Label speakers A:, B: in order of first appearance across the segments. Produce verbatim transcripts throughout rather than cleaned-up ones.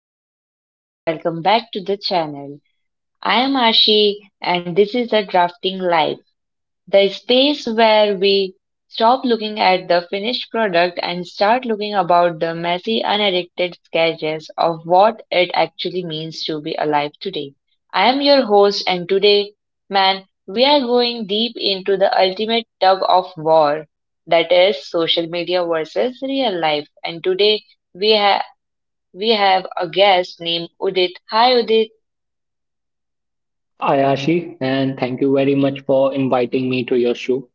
A: Hey everyone, welcome back to the channel. I am Ashi and this is the Drafting Life, the space where we stop looking at the finished product and start looking about the messy unedited sketches of what it actually means to be alive today. I am your host and today, man, we are going deep into the ultimate tug of war that is social media versus real life and today we ha- we have a guest named Udit. Hi, Udit.
B: Ayashi, and thank you very much for inviting me to your show.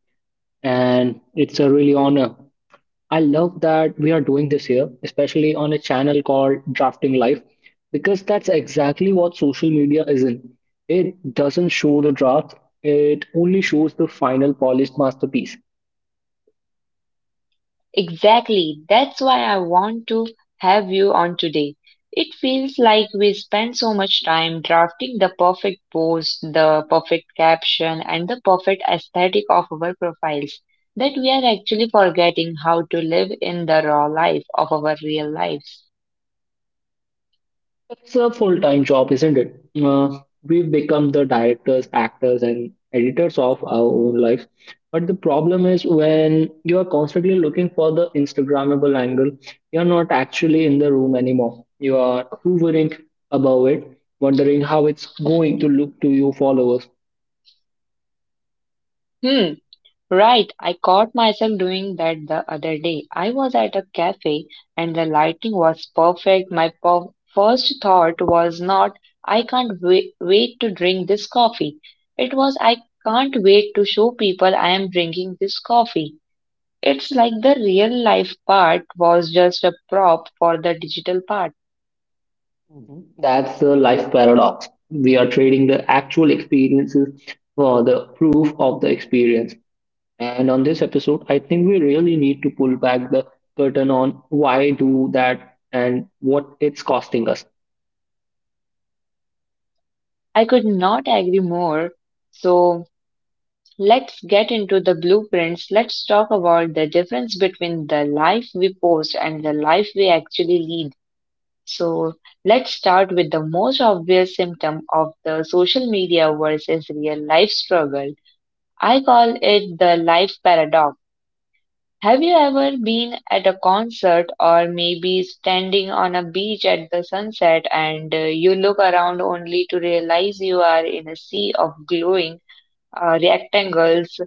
B: And it's a really honor. I love that we are doing this here, especially on a channel called Drafting Life, because that's exactly what social media is in. It doesn't show the draft, it only shows the final polished masterpiece.
A: Exactly. That's why I want to have you on today. It feels like we spend so much time drafting the perfect post, the perfect caption, and the perfect aesthetic of our profiles that we are actually forgetting how to live in the raw life of our real lives.
B: It's a full-time job, isn't it? Uh, we become the directors, actors, and editors of our own lives. But the problem is when you are constantly looking for the Instagrammable angle, you're not actually in the room anymore. You are hovering above it, wondering how it's going to look to your followers.
A: Hmm. Right, I caught myself doing that the other day. I was at a cafe and the lighting was perfect. My per- first thought was not, I can't wait, wait to drink this coffee. It was, I can't wait to show people I am drinking this coffee. It's like the real life part was just a prop for the digital part.
B: Mhm. That's the life paradox. We are trading the actual experiences for the proof of the experience. And on this episode, I think we really need to pull back the curtain on why do that and what it's costing us.
A: I could not agree more. So, let's get into the blueprints. Let's talk about the difference between the life we post and the life we actually lead. So, let's start with the most obvious symptom of the social media versus real life struggle. I call it the life paradox. Have you ever been at a concert or maybe standing on a beach at the sunset and uh, you look around only to realize you are in a sea of glowing uh, rectangles.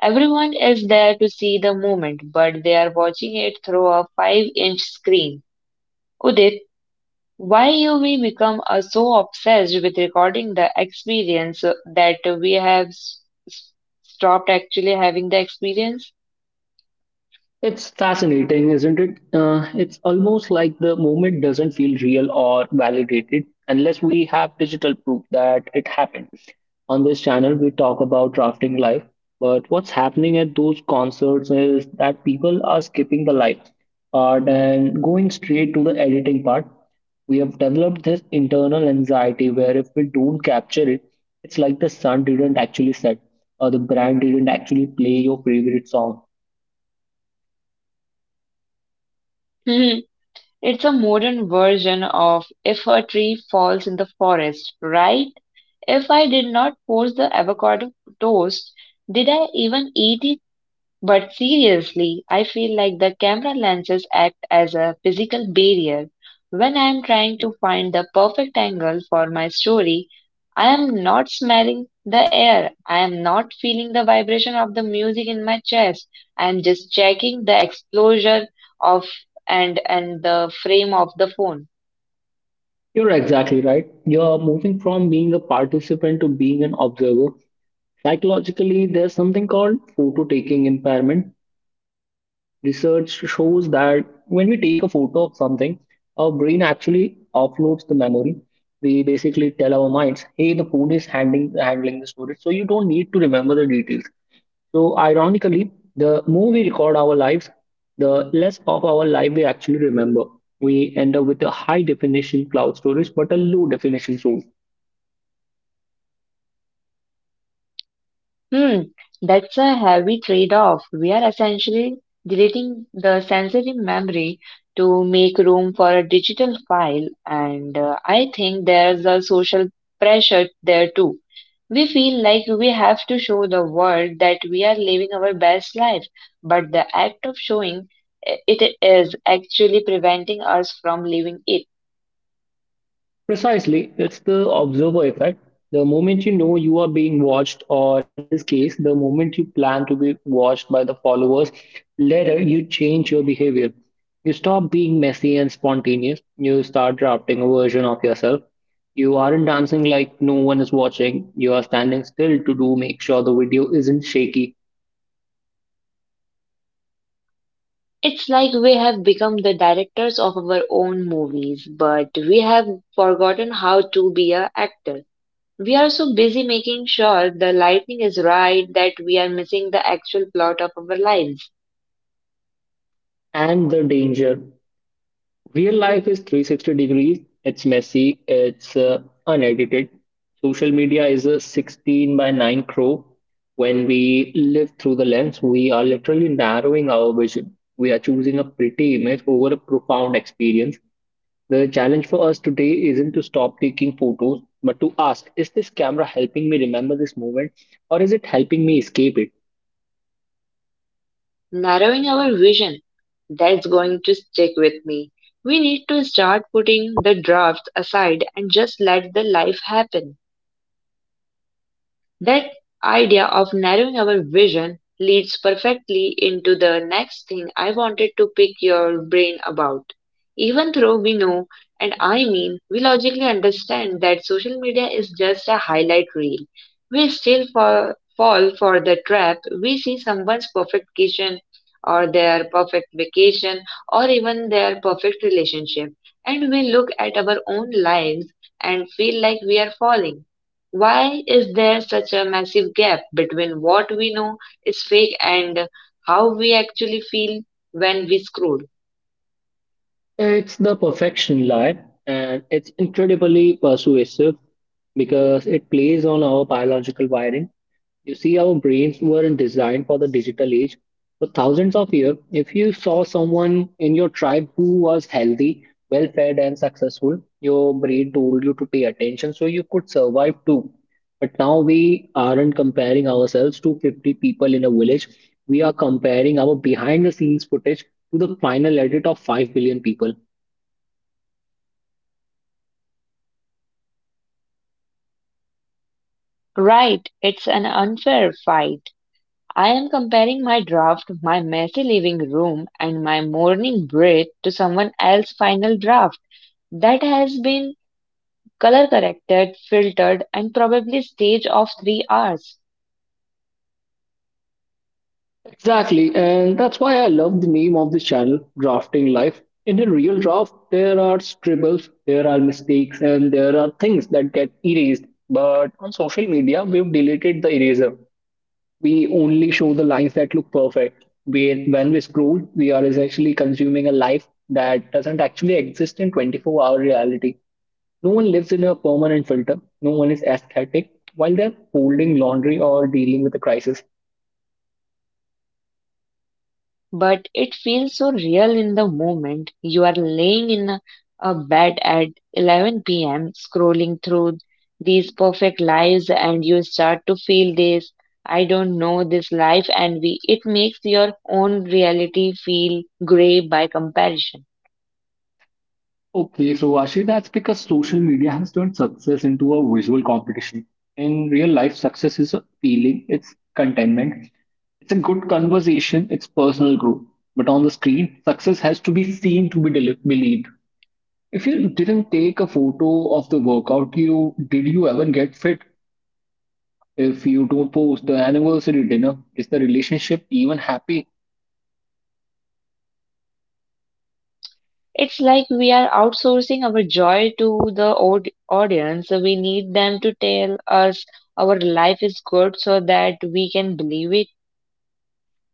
A: Everyone is there to see the movement, but they are watching it through a five-inch screen. Udit, why you we become uh, so obsessed with recording the experience uh, that we have s- s- stopped actually having the experience?
B: It's fascinating, isn't it? Uh, it's almost like the movement doesn't feel real or validated unless we have digital proof that it happened. On this channel, we talk about drafting live, but what's happening at those concerts is that people are skipping the live part and going straight to the editing part. We have developed this internal anxiety where if we don't capture it, it's like the sun didn't actually set or the brand didn't actually play your favorite song.
A: It's a modern version of if a tree falls in the forest, right? If I did not force the avocado toast, did I even eat it? But seriously, I feel like the camera lenses act as a physical barrier. When I am trying to find the perfect angle for my story, I am not smelling the air, I am not feeling the vibration of the music in my chest. I am just checking the exposure of and and the frame of the phone.
B: You're exactly right. You're moving from being a participant to being an observer. Psychologically, there's something called photo taking impairment. Research shows that when we take a photo of something, our brain actually offloads the memory. We basically tell our minds, hey, the phone is handling handling the storage, so you don't need to remember the details. So ironically, the more we record our lives, the less of our life we actually remember. We end up with a high definition cloud storage, but a low definition source.
A: Hmm, that's a heavy trade-off. We are essentially deleting the sensory memory to make room for a digital file, and uh, I think there's a social pressure there too. We feel like we have to show the world that we are living our best life, but the act of showing i- it is actually preventing us from living it.
B: Precisely, it's the observer effect. The moment you know you are being watched, or in this case, the moment you plan to be watched by the followers, later you change your behavior. You stop being messy and spontaneous. You start drafting a version of yourself. You aren't dancing like no one is watching. You are standing still to do make sure the video isn't shaky.
A: It's like we have become the directors of our own movies, but we have forgotten how to be an actor. We are so busy making sure the lighting is right that we are missing the actual plot of our lives,
B: And the danger: real life is three hundred sixty degrees. It's messy. It's uh, unedited. Social media is a sixteen by nine crow. When we live through the lens, we are literally narrowing our vision. We are choosing a pretty image over a profound experience. The challenge for us today isn't to stop taking photos, but to ask, is this camera helping me remember this moment or is it helping me escape it?
A: narrowing our vision. That's going to stick with me. We need to start putting the drafts aside and just let the life happen. That idea of narrowing our vision leads perfectly into the next thing I wanted to pick your brain about. Even though we know, and I mean, we logically understand that social media is just a highlight reel, we still fall, fall for the trap. We see someone's perfect kitchen, or their perfect vacation, or even their perfect relationship, and we look at our own lives and feel like we are falling. Why is there such a massive gap between what we know is fake and how we actually feel when we scroll?
B: It's the perfection lie, and it's incredibly persuasive, because it plays on our biological wiring. You see, our brains weren't designed for the digital age. For thousands of years, if you saw someone in your tribe who was healthy, well fed, and successful, your brain told you to pay attention so you could survive too. But now we aren't comparing ourselves to fifty people in a village. We are comparing our behind the scenes footage to the final edit of five billion people.
A: Right, it's an unfair fight. I am comparing my draft, my messy living room, and my morning breath to someone else's final draft that has been color corrected, filtered, and probably staged of three hours.
B: Exactly, and that's why I love the name of this channel, Drafting Life. In a real draft, there are scribbles, there are mistakes, and there are things that get erased. But on social media, we've deleted the eraser. We only show the lines that look perfect. We, when we scroll, we are essentially consuming a life that doesn't actually exist in twenty-four-hour reality. No one lives in a permanent filter. No one is aesthetic while they're folding laundry or dealing with a crisis.
A: But it feels so real in the moment. You are laying in a, a bed at eleven p m, scrolling through these perfect lives, and you start to feel this, I don't know, this life envy. It makes your own reality feel gray by comparison.
B: Okay, so actually that's because social media has turned success into a visual competition. In real life, success is a feeling, it's contentment, it's a good conversation, it's personal growth. But on the screen, success has to be seen to be deli- believed. If you didn't take a photo of the workout you did you ever get fit? If you don't post the anniversary dinner, is the relationship even happy?
A: It's like we are outsourcing our joy to the aud- audience. We need them to tell us our life is good so that we can believe it.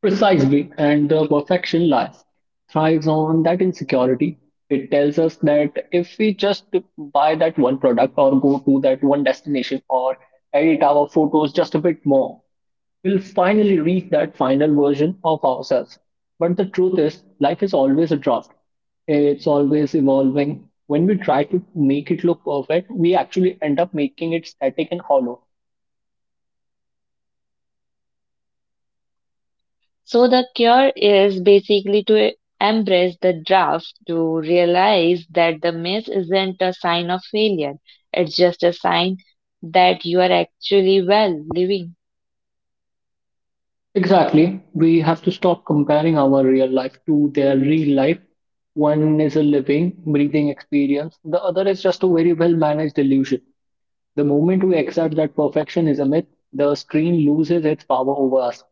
B: Precisely, and the perfection lies thrives on that insecurity. It tells us that if we just buy that one product or go to that one destination or edit our photos just a bit more, we'll finally reach that final version of ourselves. But the truth is, life is always a draft. It's always evolving. When we try to make it look perfect, we actually end up making it static and hollow.
A: So the cure is basically to embrace the draft, to realize that the miss isn't a sign of failure. It's just a sign that you are actually well living.
B: Exactly. We have to stop comparing our real life to their real life. One is a living, breathing experience, the other is just a very well managed illusion. The moment we accept that perfection is a myth, the screen loses its power over us.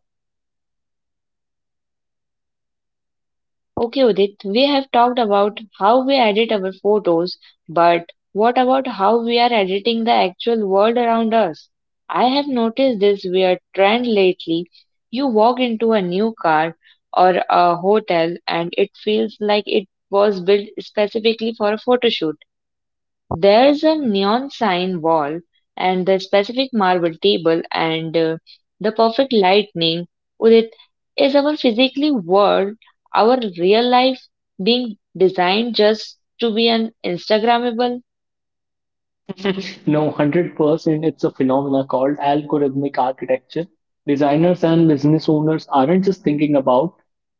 A: Okay, Udit, we have talked about how we edit our photos, but what about how we are editing the actual world around us? I have noticed this weird trend lately. You walk into a new car or a hotel and it feels like it was built specifically for a photo shoot. There is a neon sign wall and the specific marble table and uh, the perfect lightning. Udit, is our physically world, our real life being designed just to be an Instagrammable?
B: No, one hundred percent. It's a phenomena called algorithmic architecture. Designers and business owners aren't just thinking about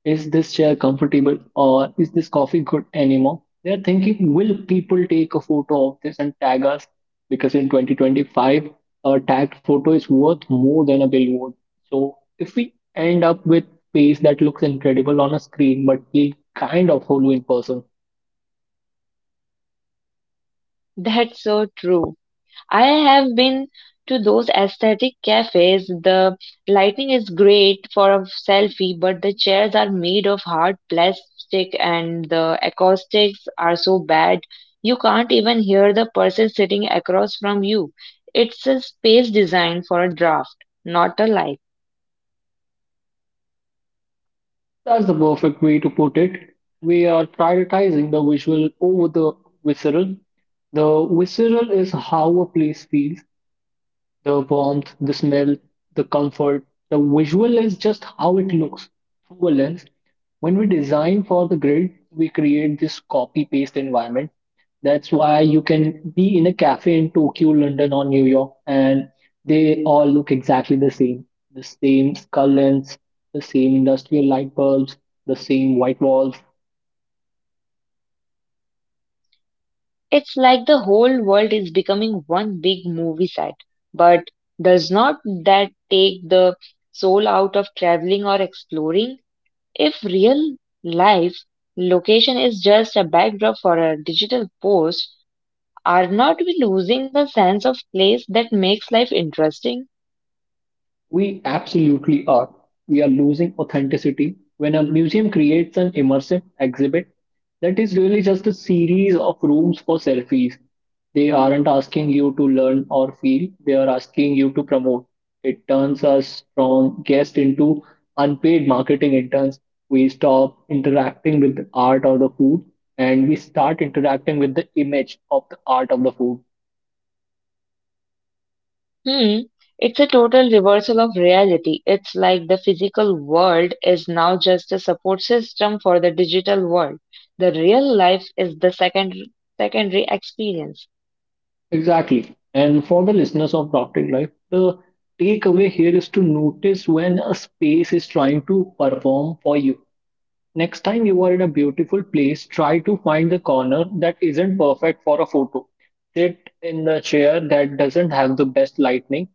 B: is this chair comfortable or is this coffee good anymore? They're thinking, will people take a photo of this and tag us? Because in twenty twenty-five, a tagged photo is worth more than a billboard. So if we end up with face that looks incredible on a screen but feel kind of hollow in person.
A: That's so true. I have been to those aesthetic cafes. The lighting is great for a selfie, but the chairs are made of hard plastic and the acoustics are so bad you can't even hear the person sitting across from you. It's a space designed for a draft, not a life.
B: That's the perfect way to put it. We are prioritizing the visual over the visceral. The visceral is how a place feels, the warmth, the smell, the comfort. The visual is just how it looks through a lens. When we design for the grid, we create this copy paste environment. That's why you can be in a cafe in Tokyo, London, or New York, and they all look exactly the same. The same skull lens, the same industrial light bulbs, the same white walls.
A: It's like the whole world is becoming one big movie set. But does not that take the soul out of traveling or exploring? If real life location is just a backdrop for a digital post, are not we losing the sense of place that makes life interesting?
B: We absolutely are. We are losing authenticity when a museum creates an immersive exhibit that is really just a series of rooms for selfies. They aren't asking you to learn or feel, they are asking you to promote. It turns us from guests into unpaid marketing interns. We stop interacting with the art or the food and we start interacting with the image of the art of the food.
A: Hmm. It's a total reversal of reality. It's like the physical world is now just a support system for the digital world. The real life is the second secondary experience.
B: Exactly. And for the listeners of Drafting Life, the takeaway here is to notice when a space is trying to perform for you. Next time you are in a beautiful place, try to find the corner that isn't perfect for a photo. Sit in the chair that doesn't have the best lighting.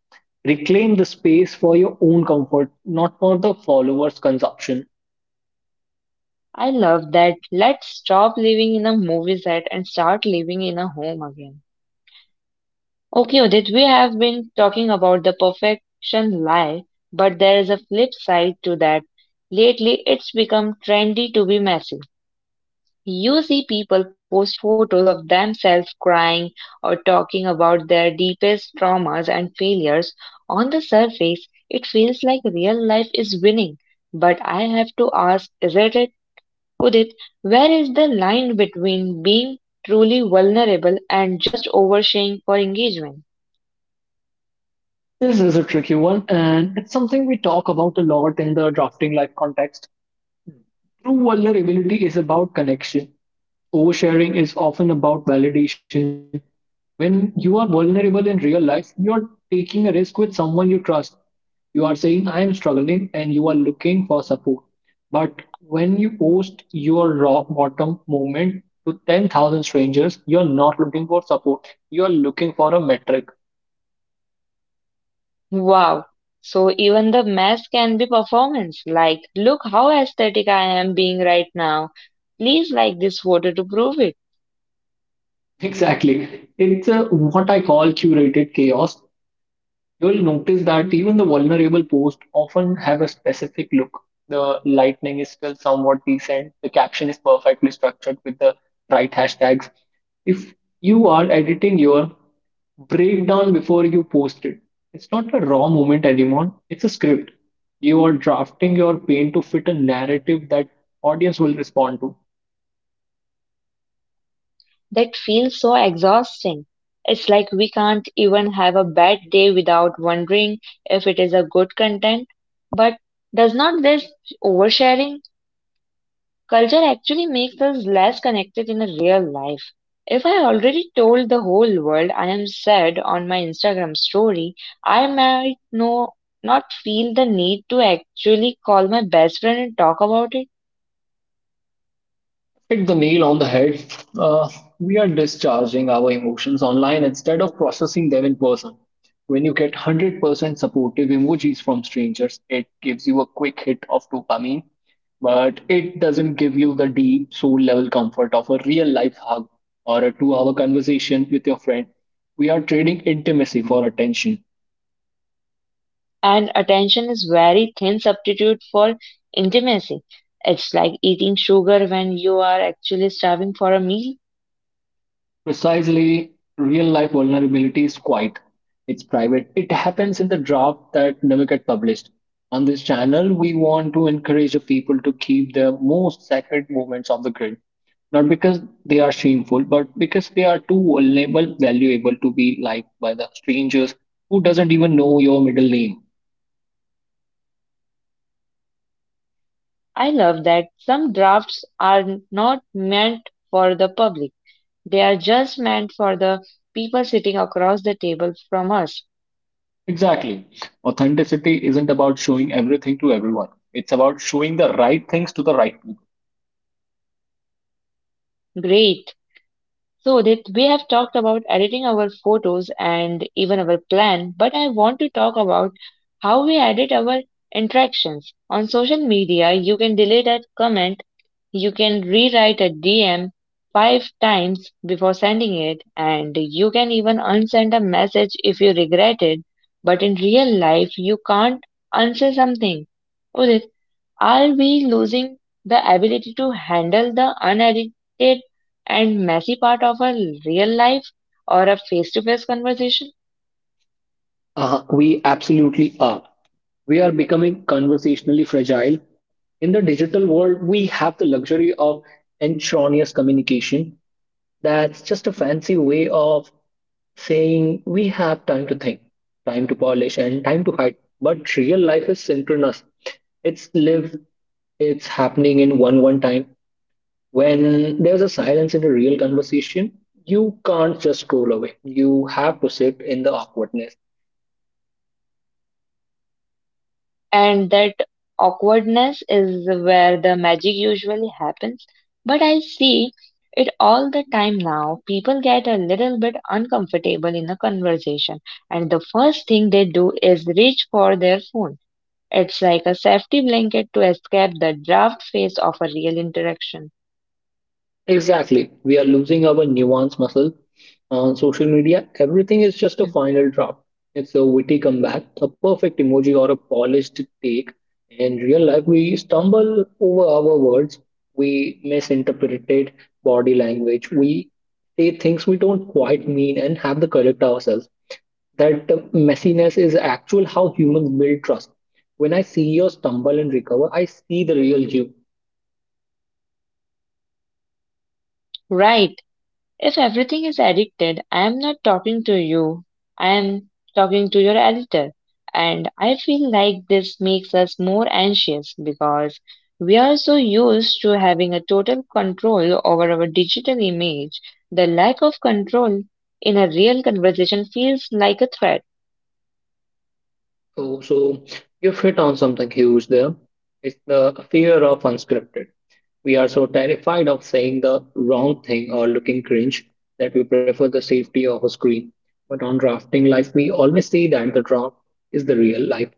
B: Reclaim the space for your own comfort, not for the followers' consumption.
A: I love that. Let's stop living in a movie set and start living in a home again. Okay, Udit, we have been talking about the perfection lie, but there is a flip side to that. Lately, it's become trendy to be messy. You see people posting photos of themselves crying or talking about their deepest traumas and failures. On the surface, it feels like real life is winning. But I have to ask, isn't it? Udit, where is the line between being truly vulnerable and just oversharing for engagement?
B: This is a tricky one, and it's something we talk about a lot in the drafting life context. True vulnerability is about connection. Oversharing is often about validation. When you are vulnerable in real life, you are taking a risk with someone you trust. You are saying, I am struggling, and you are looking for support. But when you post your raw bottom moment to ten thousand strangers, you are not looking for support. You are looking for a metric.
A: Wow. So even the mess can be performance. Like, look how aesthetic I am being right now. Please like this photo to prove it.
B: Exactly. It's a, what I call curated chaos. You'll notice that even the vulnerable posts often have a specific look. The lightning is still somewhat decent. The caption is perfectly structured with the right hashtags. If you are editing your breakdown before you post it, it's not a raw moment anymore. It's a script. You are drafting your pain to fit a narrative that audience will respond to.
A: That feels so exhausting. It's like we can't even have a bad day without wondering if it is a good content. But does not this oversharing culture actually makes us less connected in a real life. If I already told the whole world I am sad on my Instagram story, I might no, not feel the need to actually call my best friend and talk about it.
B: Hit the nail on the head. Uh, we are discharging our emotions online instead of processing them in person. When you get one hundred percent supportive emojis from strangers, it gives you a quick hit of dopamine, but it doesn't give you the deep soul level comfort of a real life hug or a two hour conversation with your friend. We are trading intimacy for attention.
A: And attention is very thin substitute for intimacy. It's like eating sugar when you are actually starving for a meal.
B: Precisely, real life vulnerability is quiet. It's private. It happens in the draft that never get published. On this channel, we want to encourage the people to keep the most sacred moments of the grid, not because they are shameful, but because they are too vulnerable, valuable to be liked by the strangers who doesn't even know your middle name.
A: I love that some drafts are not meant for the public. They are just meant for the people sitting across the table from us.
B: Exactly. Authenticity isn't about showing everything to everyone. It's about showing the right things to the right people.
A: Great. So that we have talked about editing our photos and even our plan, but I want to talk about how we edit our interactions. On social media, you can delete a comment. You can rewrite a D M five times before sending it, and you can even unsend a message if you regret it. But in real life, you can't unsay something. Udit, are we losing the ability to handle the unedited and messy part of a real life or a face to face conversation?
B: Uh, we absolutely are. We are becoming conversationally fragile. In the digital world, we have the luxury of intraneous communication. That's just a fancy way of saying we have time to think, time to polish, and time to hide. But real life is synchronous. It's lived, it's happening in one one time. When there's a silence in a real conversation, you can't just scroll away. You have to sit in the awkwardness.
A: And that awkwardness is where the magic usually happens. But I see it all the time now. People get a little bit uncomfortable in a conversation, and the first thing they do is reach for their phone. It's like a safety blanket to escape the draft phase of a real interaction.
B: Exactly. We are losing our nuance muscle on social media. Everything is just a
A: Hmm.
B: final drop. It's a witty comeback, a perfect emoji, or a polished take. In real life, we stumble over our words, we misinterpret body language, we say things we don't quite mean and have to correct ourselves. That messiness is actual how humans build trust. When I see you stumble and recover, I see the real you.
A: Right. If everything is addicted, I am not talking to you, I am talking to your editor. And I feel like this makes us more anxious because we are so used to having a total control over our digital image. The lack of control in a real conversation feels like a threat.
B: Oh, so you've hit on something huge there. It's the fear of unscripted. We are so terrified of saying the wrong thing or looking cringe that we prefer the safety of a screen. But on drafting life, we always see that the draft is the real life.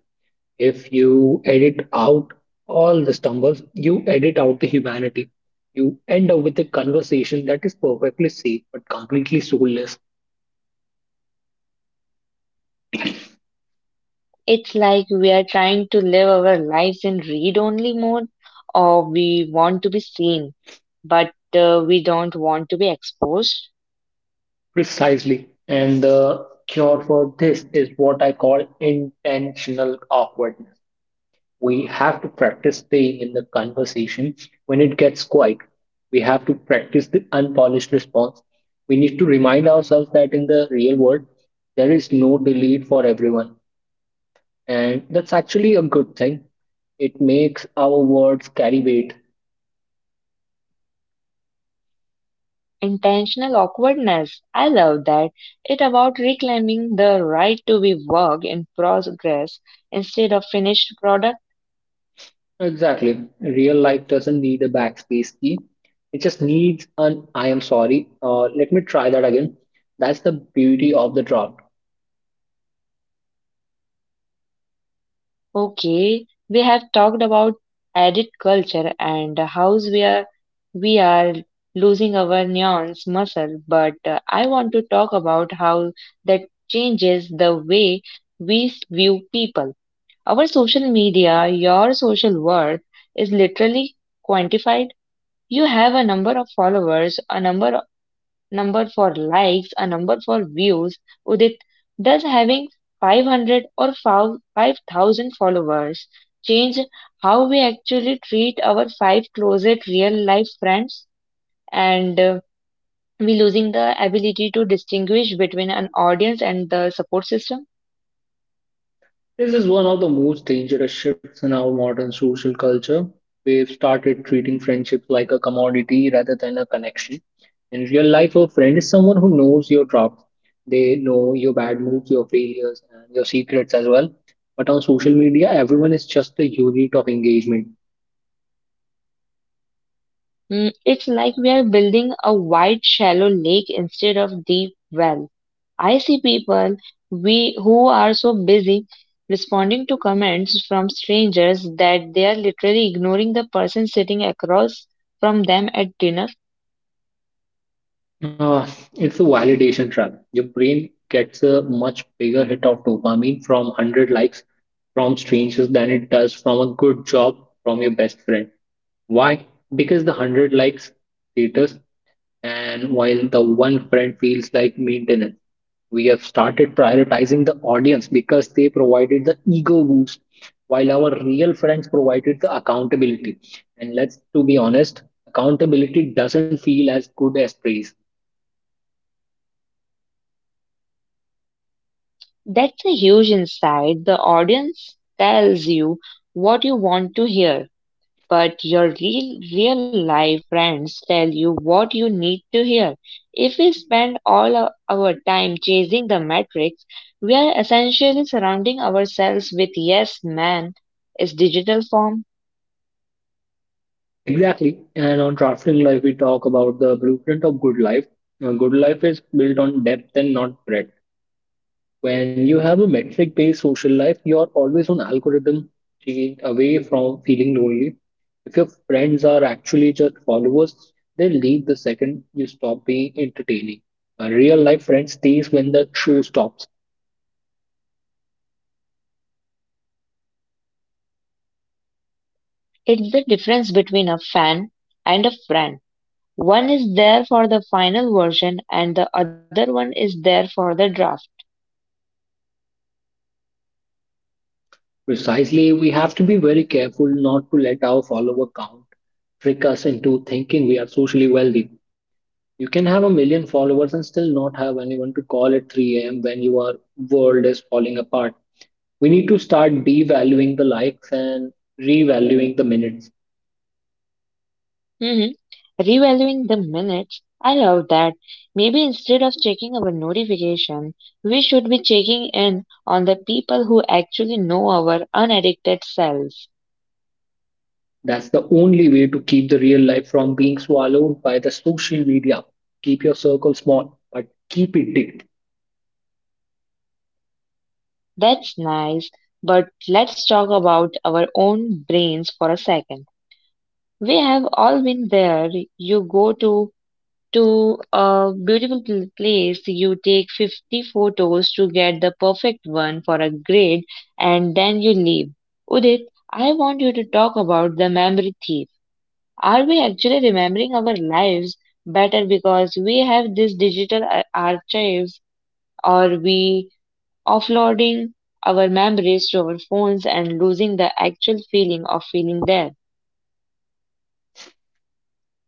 B: If you edit out all the stumbles, you edit out the humanity. You end up with a conversation that is perfectly safe but completely soulless.
A: It's like we are trying to live our lives in read only mode or we want to be seen, but uh, we don't want to be exposed.
B: Precisely. And the cure for this is what I call intentional awkwardness. We have to practice staying in the conversation when it gets quiet. We have to practice the unpolished response. We need to remind ourselves that in the real world, there is no delete for everyone. And that's actually a good thing. It makes our words carry weight.
A: Intentional awkwardness. I love that. It about reclaiming the right to be work in progress instead of finished product.
B: Exactly. Real life doesn't need a backspace key. It just needs an I am sorry. Uh, let me try that again. That's the beauty of the draft.
A: Okay, we have talked about edit culture and how we are we are losing our nuance muscle, but uh, I want to talk about how that changes the way we s- view people. Our social media, your social worth is literally quantified. You have a number of followers, a number number for likes, a number for views. Udit, does having five hundred or fou- five thousand followers change how we actually treat our five closet real life friends, and uh, we losing the ability to distinguish between an audience and the support system?
B: This is one of the most dangerous shifts in our modern social culture. We've started treating friendships like a commodity rather than a connection. In real life, a friend is someone who knows your drops. They know your bad moods, your failures, and your secrets as well. But on social media, everyone is just a unit of engagement.
A: Mm, it's like we are building a wide, shallow lake instead of deep well. I see people we who are so busy responding to comments from strangers that they are literally ignoring the person sitting across from them at dinner.
B: Uh, it's a validation trap. Your brain gets a much bigger hit of dopamine from one hundred likes from strangers than it does from a good job from your best friend. Why? Because the one hundred likes status, and while the one friend feels like maintenance. We have started prioritizing the audience because they provided the ego boost, while our real friends provided the accountability. And let's to be honest, accountability doesn't feel as good as praise.
A: That's a huge insight. The audience tells you what you want to hear, but your real real life friends tell you what you need to hear. If we spend all our our time chasing the metrics, we are essentially surrounding ourselves with yes man is digital form.
B: Exactly. And on Drafting Life, we talk about the blueprint of good life. Uh, good life is built on depth and not breadth. When you have a metric based social life, you are always on algorithm change away from feeling lonely. If your friends are actually just followers, they leave the second you stop being entertaining. A real life friend stays when the show stops.
A: It's the difference between a fan and a friend. One is there for the final version and the other one is there for the draft.
B: Precisely, we have to be very careful not to let our follower count trick us into thinking we are socially wealthy. You can have a million followers and still not have anyone to call at three a m when your world is falling apart. We need to start devaluing the likes and revaluing the minutes.
A: hmm Revaluing the minutes. I love that. Maybe instead of checking our notification, we should be checking in on the people who actually know our unaddicted selves.
B: That's the only way to keep the real life from being swallowed by the social media. Keep your circle small, but keep it deep.
A: That's nice. But let's talk about our own brains for a second. We have all been there. You go to to a beautiful pl- place, you take fifty photos to get the perfect one for a grade and then you leave. Udit, I want you to talk about the memory thief. Are we actually remembering our lives better because we have these digital ar- archives? Or we offloading our memories to our phones and losing the actual feeling of feeling there?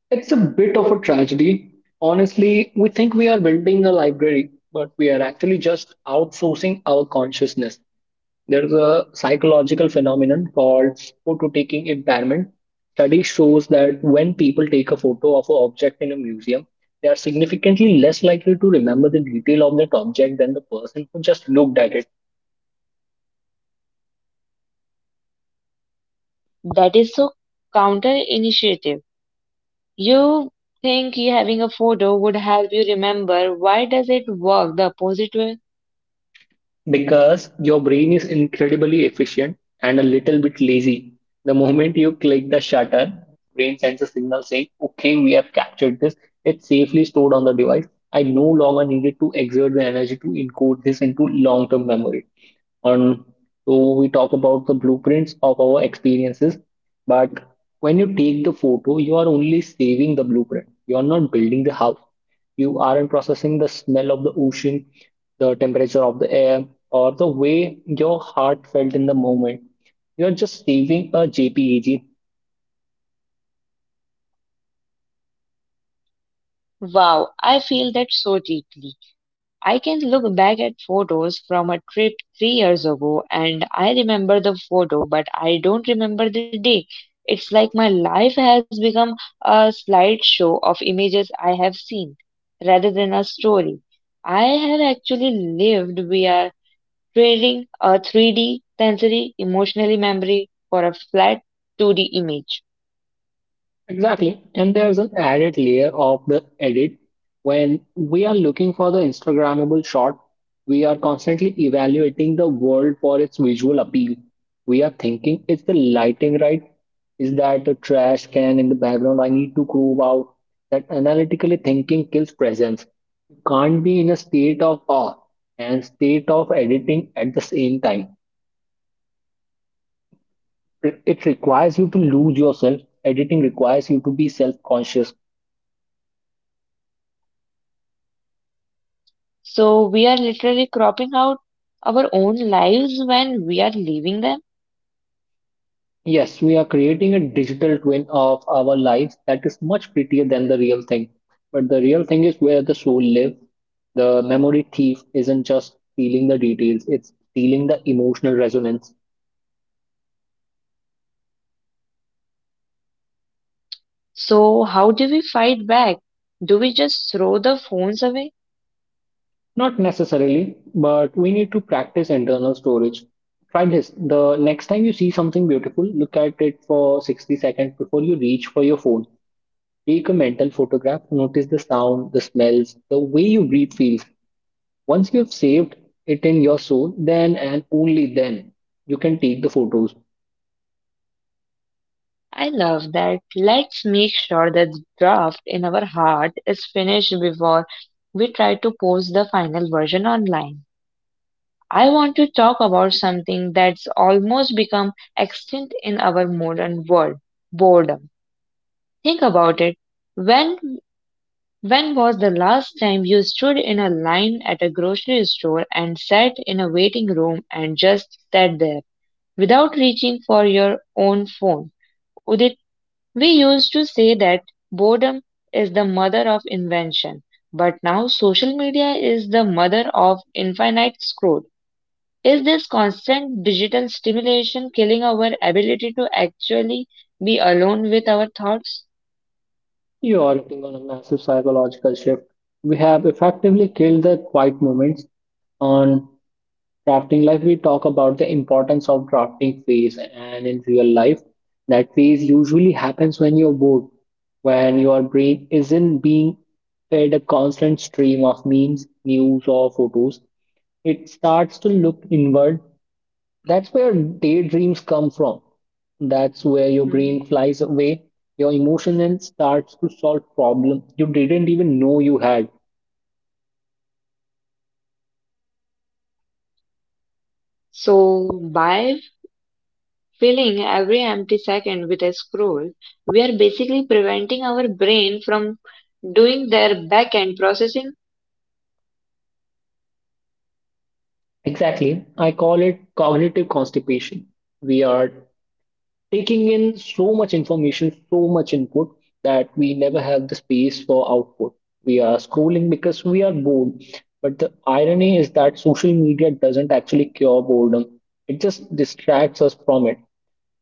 B: It's a bit of a tragedy. Honestly, we think we are building a library, but we are actually just outsourcing our consciousness. There's a psychological phenomenon called photo-taking impairment. Study shows that when people take a photo of an object in a museum, they are significantly less likely to remember the detail of that object than the person who just looked at it.
A: That is so counter. You think you having a photo would help you remember, why does it work the opposite way?
B: Because your brain is incredibly efficient and a little bit lazy. The moment you click the shutter, brain sends a signal saying, okay, we have captured this. It's safely stored on the device. I no longer needed to exert the energy to encode this into long-term memory. And so we talk about the blueprints of our experiences, but when you take the photo you are only saving the blueprint, you are not building the house. You aren't processing the smell of the ocean, the temperature of the air, or the way your heart felt in the moment. You are just saving a jpeg.
A: Wow, I feel that so deeply. I can look back at photos from a trip three years ago and I remember the photo but I don't remember the day. It's like my life has become a slideshow of images I have seen rather than a story I have actually lived. We are trading a three D sensory emotionally memory for a flat two D image.
B: Exactly. And there's an added layer of the edit. When we are looking for the Instagrammable shot, we are constantly evaluating the world for its visual appeal. We are thinking, is the lighting right? Is that a trash can in the background? I need to groove out. That analytically thinking kills presence. You can't be in a state of awe and state of editing at the same time. It it requires you to lose yourself. Editing requires you to be self-conscious.
A: So we are literally cropping out our own lives when we are leaving them.
B: Yes, we are creating a digital twin of our lives that is much prettier than the real thing. But the real thing is where the soul lives. The memory thief isn't just stealing the details, it's stealing the emotional resonance.
A: So how do we fight back? Do we just throw the phones away?
B: Not necessarily, but we need to practice internal storage. Try this. The next time you see something beautiful, look at it for sixty seconds before you reach for your phone. Take a mental photograph, notice the sound, the smells, the way you breathe feels. Once you have saved it in your soul, then and only then you can take the photos.
A: I love that. Let's make sure that the draft in our heart is finished before we try to post the final version online. I want to talk about something that's almost become extinct in our modern world, boredom. Think about it. When when was the last time you stood in a line at a grocery store and sat in a waiting room and just sat there without reaching for your own phone? Udit, we used to say that boredom is the mother of invention, but now social media is the mother of infinite scroll. Is this constant digital stimulation killing our ability to actually be alone with our thoughts?
B: You are acting on a massive psychological shift. We have effectively killed the quiet moments on drafting life. We talk about the importance of drafting phase, and in real life, that phase usually happens when you're bored, when your brain isn't being fed a constant stream of memes, news, or photos. It starts to look inward. That's where daydreams come from. That's where your
A: Mhm.
B: brain flies away, your emotion, and starts to solve problems you didn't even know you had.
A: So, by filling every empty second with a scroll, we are basically preventing our brain from doing their back end processing.
B: Exactly. I call it cognitive constipation. We are taking in so much information, so much input that we never have the space for output. We are scrolling because we are bored. But the irony is that social media doesn't actually cure boredom, it just distracts us from it.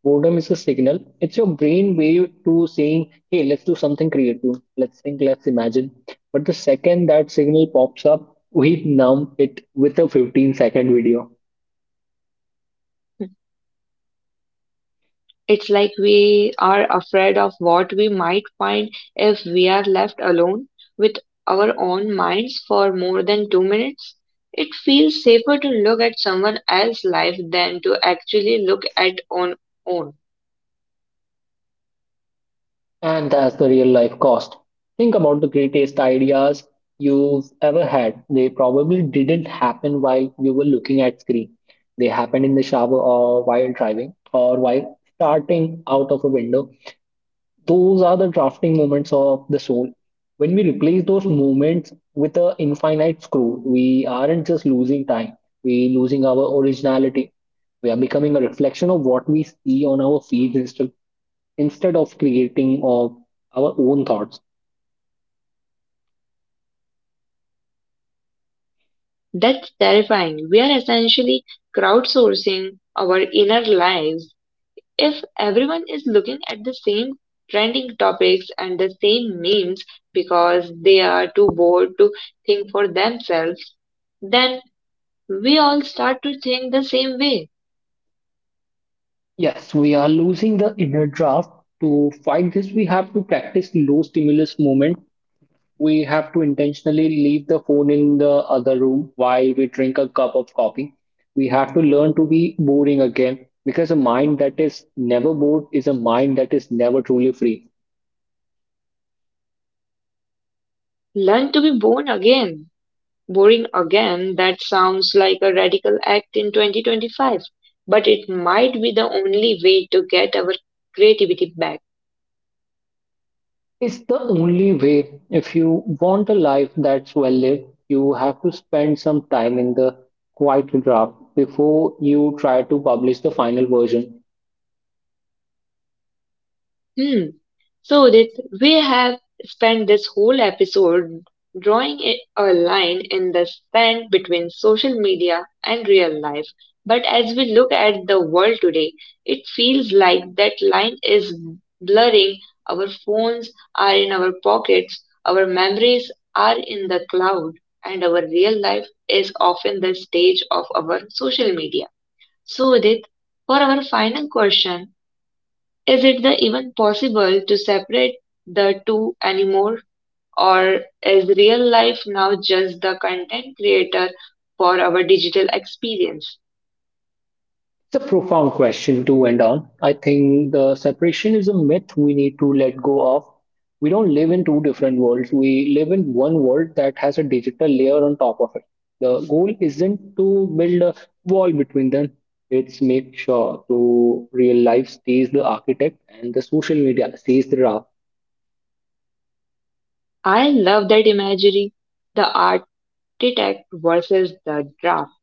B: Boredom is a signal. It's your brain way to saying, hey, let's do something creative. Let's think, let's imagine. But the second that signal pops up, we numb it with a fifteen second video.
A: It's like we are afraid of what we might find if we are left alone with our own minds for more than two minutes. It feels safer to look at someone else's life than to actually look at on own.
B: And that's the real life cost. Think about the greatest ideas you've ever had. They probably didn't happen while you were looking at screen. They happened in the shower or while driving or while starting out of a window. Those are the drafting moments of the soul. When we replace those moments with an infinite scroll, we aren't just losing time, we losing our originality. We are becoming a reflection of what we see on our feeds instead instead of creating of our own thoughts.
A: That's terrifying. We are essentially crowdsourcing our inner lives. If everyone is looking at the same trending topics and the same memes because they are too bored to think for themselves, then we all start to think the same way.
B: Yes, we are losing the inner draft. To fight this, we have to practice low stimulus moment. We have to intentionally leave the phone in the other room while we drink a cup of coffee. We have to learn to be boring again because a mind that is never bored is a mind that is never truly free.
A: Learn to be born again. Boring again, that sounds like a radical act in twenty twenty-five, but it might be the only way to get our creativity back.
B: It's the only way. If you want a life that's well lived, you have to spend some time in the quiet draft before you try to publish the final version.
A: Hmm. So that we have spent this whole episode drawing a a line in the sand between social media and real life. But as we look at the world today, it feels like that line is blurring. Our phones are in our pockets, our memories are in the cloud, and our real life is often the stage of our social media. So, Udit, for our final question, is it the even possible to separate the two anymore? Or is real life now just the content creator for our digital experience?
B: It's a profound question to end on. I think the separation is a myth we need to let go of. We don't live in two different worlds. We live in one world that has a digital layer on top of it. The goal isn't to build a wall between them. It's make sure to real life stays the architect and the social media stays the ra-.
A: I love that imagery, the architect versus the draft.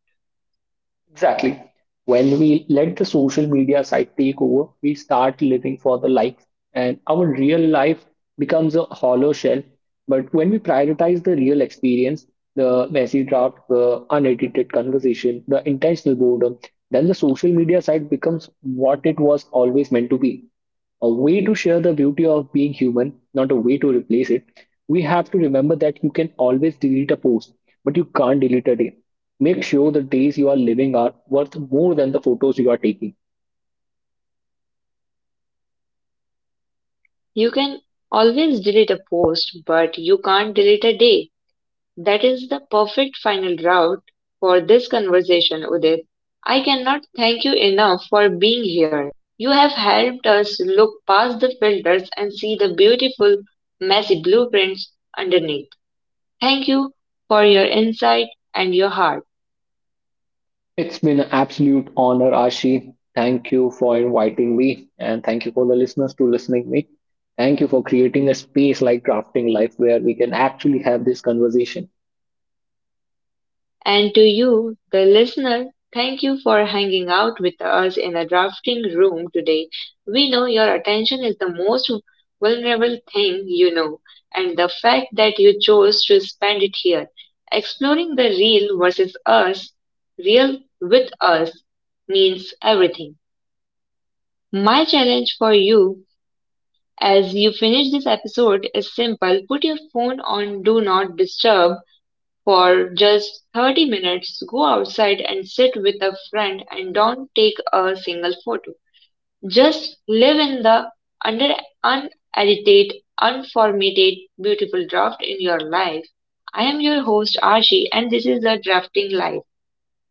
B: Exactly. When we let the social media side take over, we start living for the likes, and our real life becomes a hollow shell. But when we prioritize the real experience, the messy draft, the unedited conversation, the intentional boredom, then the social media side becomes what it was always meant to be a way to share the beauty of being human, not a way to replace it. We have to remember that you can always delete a post, but you can't delete a day. Make sure the days you are living are worth more than the photos you are taking.
A: You can always delete a post, but you can't delete a day. That is the perfect final route for this conversation, Udit. I cannot thank you enough for being here. You have helped us look past the filters and see the beautiful, messy blueprints underneath. Thank you for your insight and your heart.
B: It's been an absolute honor, Ashi. Thank you for inviting me, and thank you for the listeners to listening me. Thank you for creating a space like Crafting Life where we can actually have this conversation.
A: And to you, the listener, thank you for hanging out with us in the drafting room today. We know your attention is the most vulnerable thing you know, and the fact that you chose to spend it here, exploring the real versus us, real with us, means everything. My challenge for you as you finish this episode is simple: put your phone on Do Not Disturb for just thirty minutes, go outside and sit with a friend, and don't take a single photo. Just live in the under unedited, unformatted, beautiful draft in your life. I am your host Archie and this is the Drafting Life.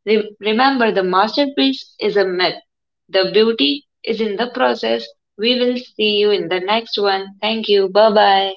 A: Re- remember, the masterpiece is a myth. The beauty is in the process. We will see you in the next one. Thank you. Bye bye.